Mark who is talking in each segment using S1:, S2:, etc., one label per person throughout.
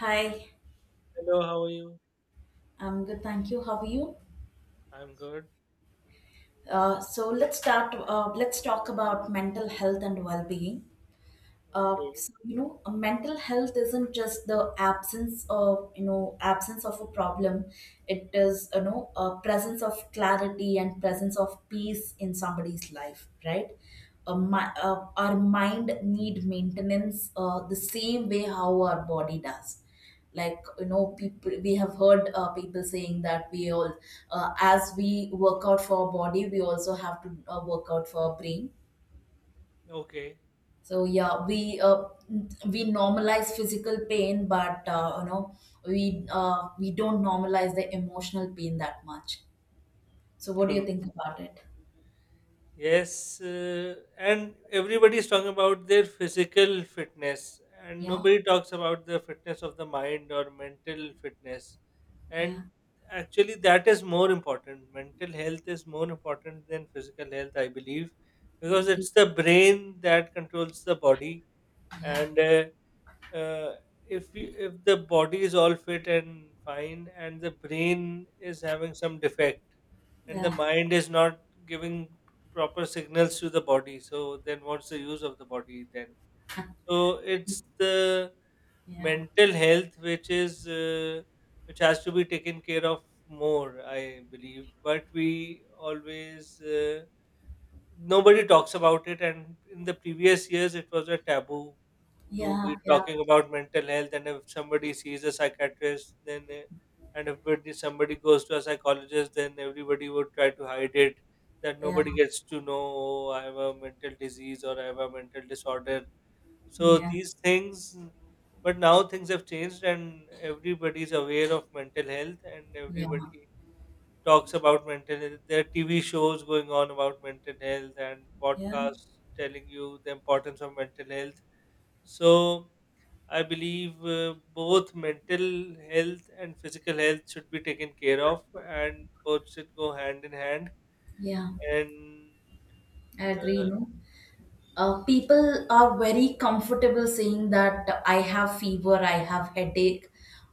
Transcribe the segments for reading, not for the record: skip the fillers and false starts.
S1: Hi,
S2: Hello, how are you?
S1: I'm good, thank you. How are you?
S2: I'm good.
S1: So let's start. Let's talk about mental health and well-being.
S2: Okay,
S1: Mental health isn't just the absence of, absence of a problem. It is, you know, a presence of clarity and presence of peace in somebody's life, right? Our mind need maintenance the same way how our body does, like you know, people, we have heard people saying that we all, as we work out for our body, we also have to work out for our brain.
S2: okay,
S1: So yeah, we normalize physical pain, but you know, we don't normalize the emotional pain that much. So what do you
S2: true.
S1: think about it?
S2: Yes, and everybody's talking about their physical fitness, and
S1: Yeah,
S2: nobody talks about the fitness of the mind or mental fitness.
S1: yeah,
S2: And actually, that is more important. Mental health is more important than physical health, I believe,
S1: I
S2: because
S1: agree.
S2: it's the brain that controls the body,
S1: Yeah,
S2: and uh, if you, if the body is all fit and fine and the brain is having some defect and the
S1: yeah,
S2: mind is not giving proper signals to the body, so then what's the use of the body then? So it's the
S1: yeah,
S2: mental health which is which has to be taken care of more, I believe, but we always nobody talks about it, and in the previous years it was a taboo to be
S1: yeah,
S2: talking about mental health. And if somebody sees a psychiatrist and if it is somebody goes to a psychologist, then everybody would try to hide it, that
S1: yeah,
S2: nobody gets to know. Oh, I have a mental disease or I have a mental disorder, so
S1: yeah,
S2: these things. But now things have changed and everybody is aware of mental health, and
S1: yeah, yeah,
S2: everybody talks about mental health. There are TV shows going on about mental health and
S1: yeah.
S2: podcasts telling you the importance of mental health. So I believe both mental health and physical health should be taken care of, and both should go hand in hand.
S1: Yeah.
S2: And
S1: I agree.
S2: uh,
S1: No. People are very comfortable saying that I have fever, I have headache,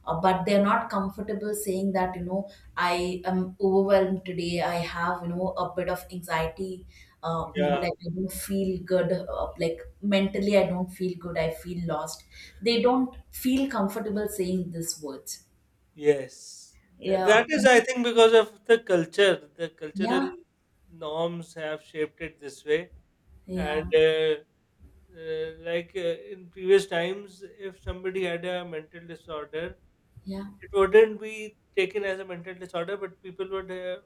S1: but they're not comfortable saying that, you know, I am overwhelmed today. I have, you know, a bit of anxiety. You know,
S2: yeah,
S1: like I don't feel good. Like mentally, I don't feel good. I feel lost. They don't feel comfortable saying these words.
S2: yes.
S1: Yeah,
S2: That is, I think, because of the culture. The
S1: yeah,
S2: cultural norms have shaped it this way,
S1: yeah,
S2: and in previous times, if somebody had a mental disorder,
S1: yeah,
S2: it wouldn't be taken as a mental disorder, but people would uh,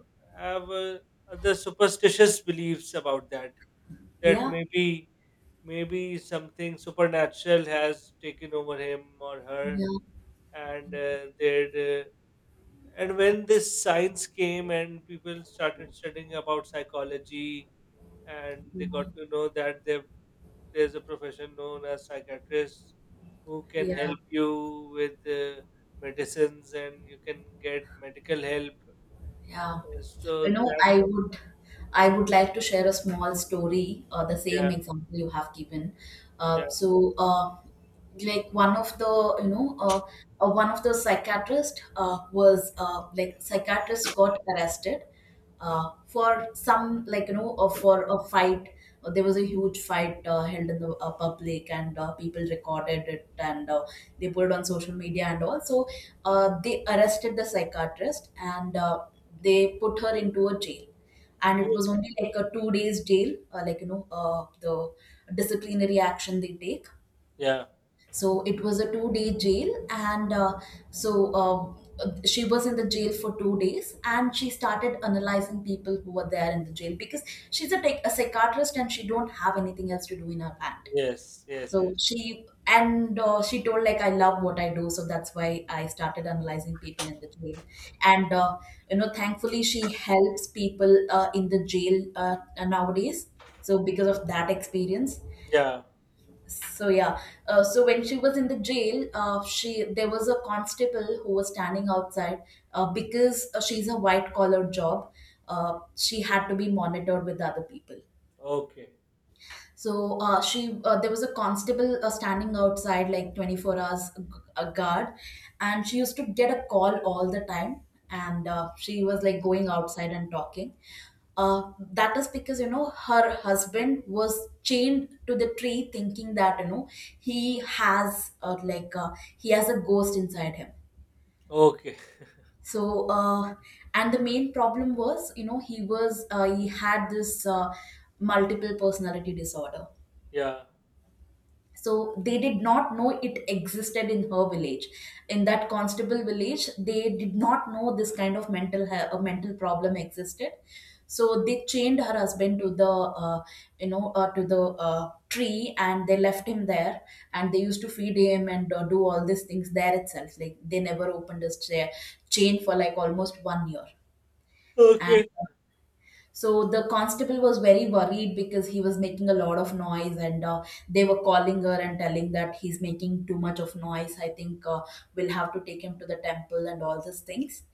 S2: have uh, other superstitious beliefs about that. That
S1: yeah,
S2: maybe, maybe something supernatural has taken over him or her,
S1: yeah,
S2: and they'd. And when this science came and people started studying about psychology, and they got to know that there's a profession known as psychiatrists who can
S1: yeah,
S2: help you with medicines, and you can get medical help.
S1: yeah.
S2: So
S1: you know
S2: that,
S1: i would i would like to share a small story. The
S2: yeah,
S1: same example you have given.
S2: yeah,
S1: uh, so uh, one of the you know one of the psychiatrist, was like psychiatrist got arrested for some, like, you know, for a fight. There was a huge fight held in the public, and people recorded it, and they put it on social media and all. So they arrested the psychiatrist, and they put her into a jail. And it was
S2: okay,
S1: only like a 2 days jail, the disciplinary action they take.
S2: yeah,
S1: So it was a 2 day jail, and she was in the jail for 2 days, and she started analyzing people who were there in the jail because she's a psychiatrist and she don't have anything else to do in her hand.
S2: yes, yes, yes,
S1: She told, like, I love what I do, so that's why I started analyzing people in the jail. And you know, thankfully she helps people in the jail nowadays, so because of that experience.
S2: yeah,
S1: So yeah, so when she was in the jail, she there was a constable who was standing outside, because she's a white collar job. She had to be monitored with other people.
S2: okay,
S1: So there was a constable standing outside, like 24 hours a guard, and she used to get a call all the time, and she was like going outside and talking. That is because, you know, her husband was chained to the tree, thinking that, you know, he has uh, like uh, he has a ghost inside him.
S2: okay,
S1: So uh, and the main problem was, you know, he had this multiple personality disorder.
S2: yeah,
S1: So they did not know it existed in her village. In that constable village, they did not know this kind of mental problem existed. So they chained her husband to the uh, you know uh, to the tree, and they left him there, and they used to feed him and do all these things there itself. Like they never opened his chair chain for like almost 1 year. And
S2: okay,
S1: so the constable was very worried because he was making a lot of noise, and they were calling her and telling that he's making too much of noise. I think we'll have to take him to the temple and all these things.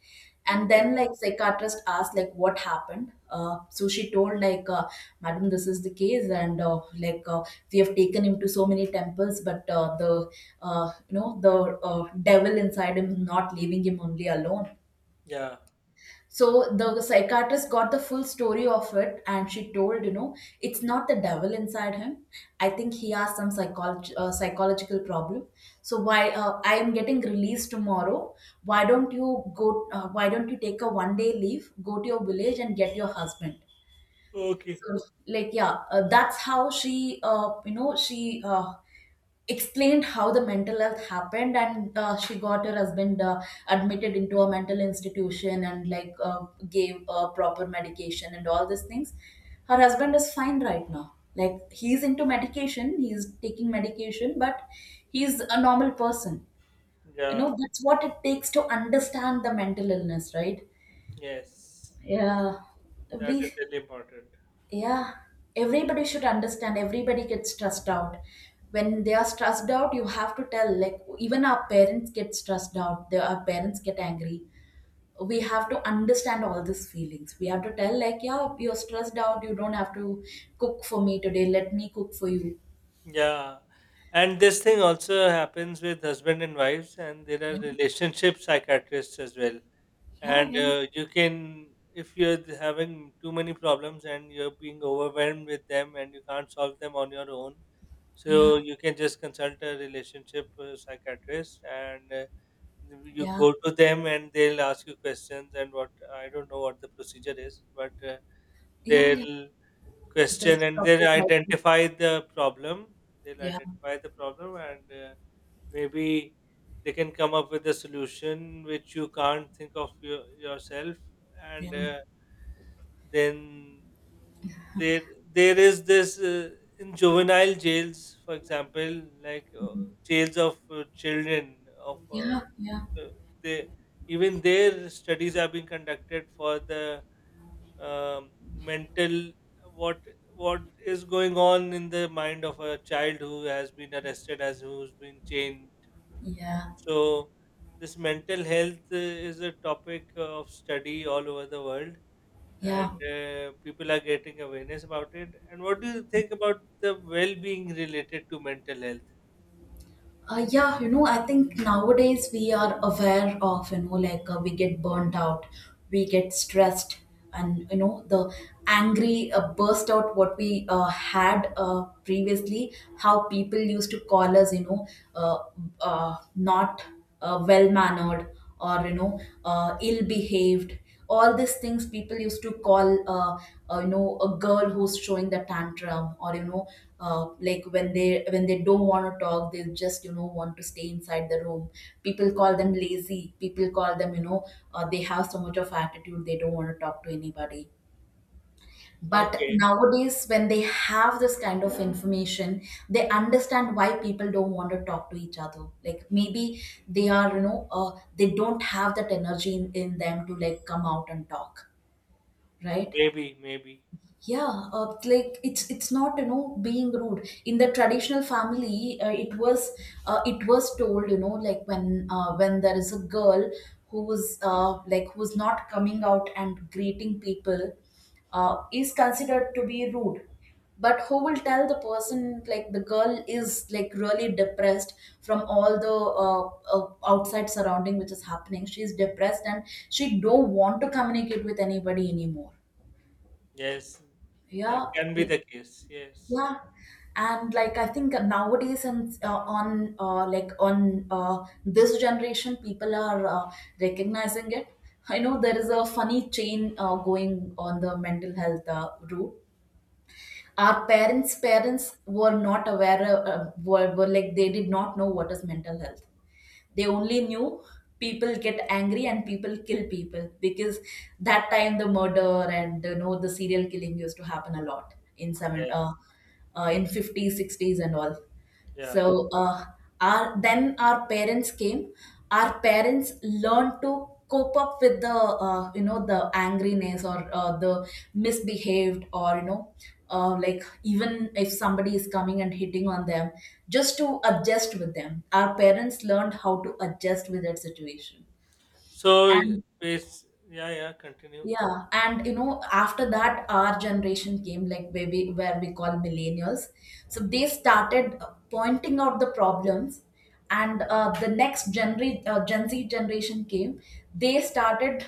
S1: And then,
S2: yes,
S1: like, psychiatrist asked, like, what happened. So she told, like, madam, this is the case, and we have taken him to so many temples, but the you know the devil inside him is not leaving him only alone.
S2: yeah,
S1: So the psychiatrist got the full story of it, and she told, you know, it's not the devil inside him. I think he has some psychological problem. So why I am getting released tomorrow? Why don't you go? Why don't you take a 1 day leave, go to your village, and get your husband?
S2: okay,
S1: So that's how she, explained how the mental health happened. And she got her husband admitted into a mental institution, and gave proper medication and all these things. Her husband is fine right now. Like he's into medication, he's taking medication, but he's a normal person. You
S2: yeah,
S1: know, that's what it takes to understand the mental illness, right?
S2: yes,
S1: Yeah.
S2: that is
S1: we
S2: really important.
S1: yeah, Everybody should understand. Everybody gets stressed out. When they are stressed out, you have to tell. Like even our parents get stressed out. Their Our parents get angry. We have to understand all these feelings. We have to tell, like, yeah, you're stressed out. You don't have to cook for me today. Let me cook for you.
S2: Yeah. And this thing also happens with husband and wives, and there are
S1: Yeah,
S2: relationship psychiatrists as well.
S1: yeah,
S2: And you can, if you're having too many problems and you're being overwhelmed with them and you can't solve them on your own,
S1: yeah,
S2: so you can just consult a relationship psychiatrist, and
S1: yeah,
S2: you
S1: yeah,
S2: go to them and they'll ask you questions, and what, I don't know what the procedure is, but
S1: yeah. Yeah.
S2: they'll question
S1: This
S2: and
S1: topic
S2: they'll
S1: might be-
S2: identify the problem. They'll
S1: Yeah,
S2: identify the problem, and maybe they can come up with a solution which you can't think of your, yourself,
S1: yeah.
S2: and then there there is this in juvenile jails, for example,
S1: Mhm.
S2: jails of children of
S1: Yeah, yeah,
S2: uh, they even their studies are being conducted for the um, mental, what what is going on in the mind of a child who has been arrested, as who's been chained.
S1: yeah,
S2: So this mental health is a topic of study all over the world, and
S1: yeah.
S2: people are getting awareness about it. And what do you think about the well-being related to mental health?
S1: Yeah, you know, I think nowadays we are aware of, you know, like, we get burnt out, we get stressed, and you know, the angry burst out what we had previously, how people used to call us, you know, uh, not well mannered, or, you know, ill behaved. All these things people used to call uh, you know, a girl who's showing the tantrum, or you know, when they don't want to talk, they just, you know, want to stay inside the room. People call them lazy, people call them, you know, they have so much of attitude, they don't want to talk to anybody. But
S2: Okay,
S1: nowadays, when they have this kind of information, they understand why people don't want to talk to each other, like maybe they are, you know, they don't have that energy in them to like come out and talk, right?
S2: maybe, maybe.
S1: Yeah, like it's not, you know, being rude. In the traditional family, it was told, you know, like when there is a girl who's, who's not coming out and greeting people, is considered to be rude. But who will tell the person, like, the girl is, like, really depressed from all the outside surrounding which is happening. She's depressed, and she don't want to communicate with anybody anymore.
S2: Yes, that
S1: Yeah,
S2: can be the case. Yes.
S1: yeah, and like I think nowadays and on like on this generation, people are recognizing it. I know there is a funny chain going on the mental health route. Our parents' parents were not aware, were like they did not know what is mental health. They only knew people get angry, and people kill people, because that time the murder and, you know, the serial killing used to happen a lot in some,
S2: Yes.
S1: in 50s 60s and all.
S2: Yeah, yeah.
S1: So our then our parents came. Our parents learned to cope up with the, you know, the angriness or the misbehaved, or you know, like even if somebody is coming and hitting on them, just to adjust with them. Our parents learned how to adjust with that situation.
S2: So
S1: And
S2: base, yeah, yeah, continue. Continue.
S1: yeah, and you know, after that, our generation came, like where we call millennials. So they started pointing out the problems, and the next Gen Z generation came. They started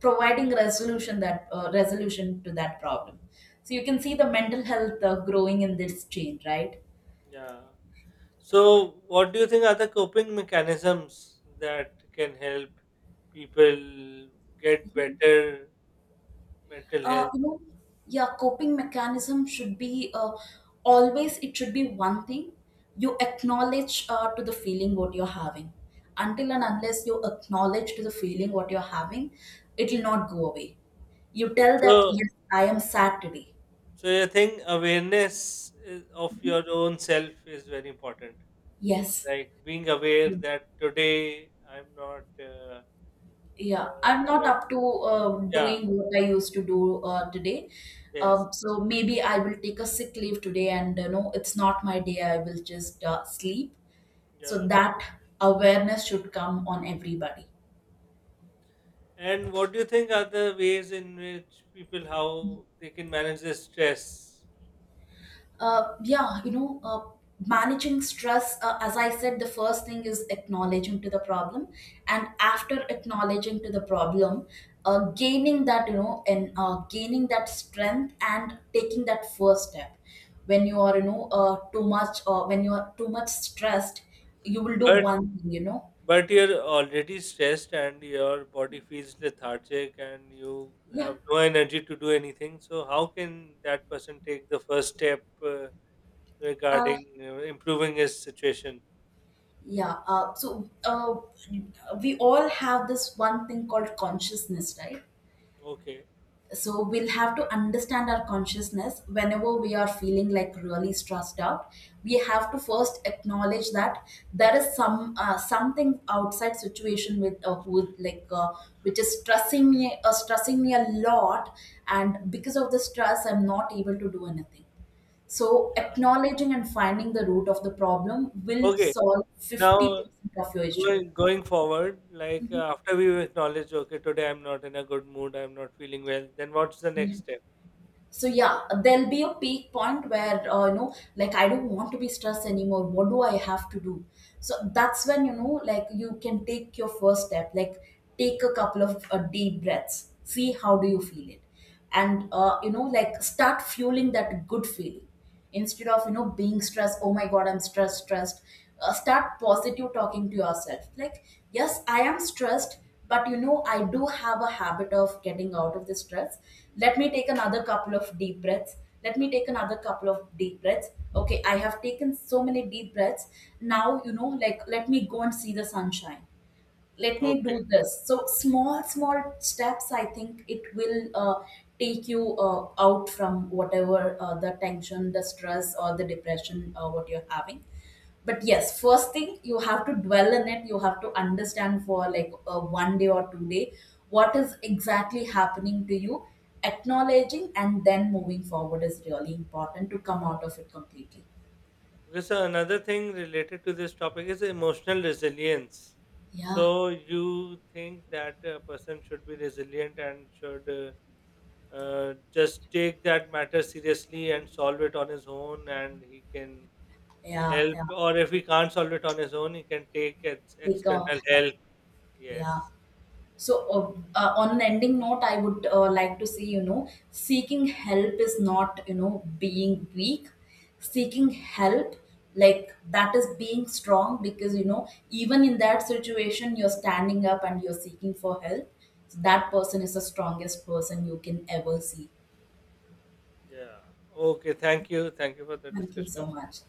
S1: providing resolution to that problem. So you can see the mental health growing in this chain, right?
S2: Yeah. So what do you think are the coping mechanisms that can help people get better mental
S1: uh,
S2: health?
S1: you know, yeah, coping mechanism should be, always, it should be one thing. You acknowledge to the feeling what you're having. Until and unless you acknowledge to the feeling what you're having, it will not go away. You tell that
S2: So,
S1: yes, I am sad today.
S2: so you think awareness is of your own self is very important.
S1: Yes,
S2: Like being aware that today I'm not
S1: yeah, I'm not
S2: I-
S1: up to
S2: yeah,
S1: doing what I used to do today.
S2: yes.
S1: So maybe I will take a sick leave today, and you know, it's not my day. I will just sleep, so
S2: Yeah.
S1: that awareness should come on everybody.
S2: And what do you think are the ways in which people, how they can manage their stress?
S1: uh, yeah you know uh, Managing stress, as I said, the first thing is acknowledging to the problem. And after acknowledging to the problem, gaining that, you know, and gaining that strength and taking that first step. When you are, you know, too much or when you are too much stressed, you will do
S2: But
S1: one thing, you know.
S2: but you're already stressed and your body feels lethargic and you
S1: Yeah.
S2: have no energy to do anything. So how can that person take the first step
S1: Uh,
S2: regarding improving his situation?
S1: Yeah. We all have this one thing called consciousness, right?
S2: Okay.
S1: So we'll have to understand our consciousness whenever we are feeling like really stressed out. We have to first acknowledge that there is some, something outside situation with like which is stressing me a lot, and because of the stress, I'm not able to do anything. So
S2: Yeah.
S1: acknowledging and finding the root of the problem will
S2: Okay.
S1: solve
S2: Now
S1: 50% of your issue.
S2: going, going forward,
S1: Mhm.
S2: after we acknowledge, okay, today I'm not in a good mood. I'm not feeling well. Then what's the
S1: Yeah.
S2: next step?
S1: So yeah, there'll be a peak point where, you know, like, I don't want to be stressed anymore. What do I have to do? So that's when, you know, like, you can take your first step. Like, take a couple of deep breaths. See how do you feel it, and you know, like, start fueling that good feeling. Instead of, you know, being stressed, oh my god, I'm stressed, stressed, start positive talking to yourself. Like, yes, I am stressed, but you know, I do have a habit of getting out of the stress. Let me take another couple of deep breaths. Let me take another couple of deep breaths. Okay, I have taken so many deep breaths. Now, you know, like, let me go and see the sunshine. Let me do
S2: Okay.
S1: this. So small small steps, I think, it will take you out from whatever the tension, the stress, or the depression what you're having. But yes, first thing, you have to dwell in it. You have to understand for like, 1 day or 2 day, what is exactly happening to you. Acknowledging and then moving forward is really important to come out of it completely.
S2: Okay, so another thing related to this topic is emotional resilience.
S1: Yeah.
S2: So you think that a person should be resilient and should just take that matter seriously and solve it on his own, and he can
S1: Yeah.
S2: help,
S1: Yeah,
S2: or if he can't solve it on his own, he can take
S1: take a
S2: external
S1: help.
S2: help.
S1: Yeah.
S2: Yes.
S1: So,
S2: Oh,
S1: on an ending note, I would like to say, you know, seeking help is not, you know, being weak. Seeking help, like, that is being strong, because, you know, even in that situation, you're standing up and you're seeking for help. So that person is the strongest person you can ever see.
S2: yeah. Okay. Thank you. Thank you for the
S1: Thank you so
S2: discussion.
S1: much.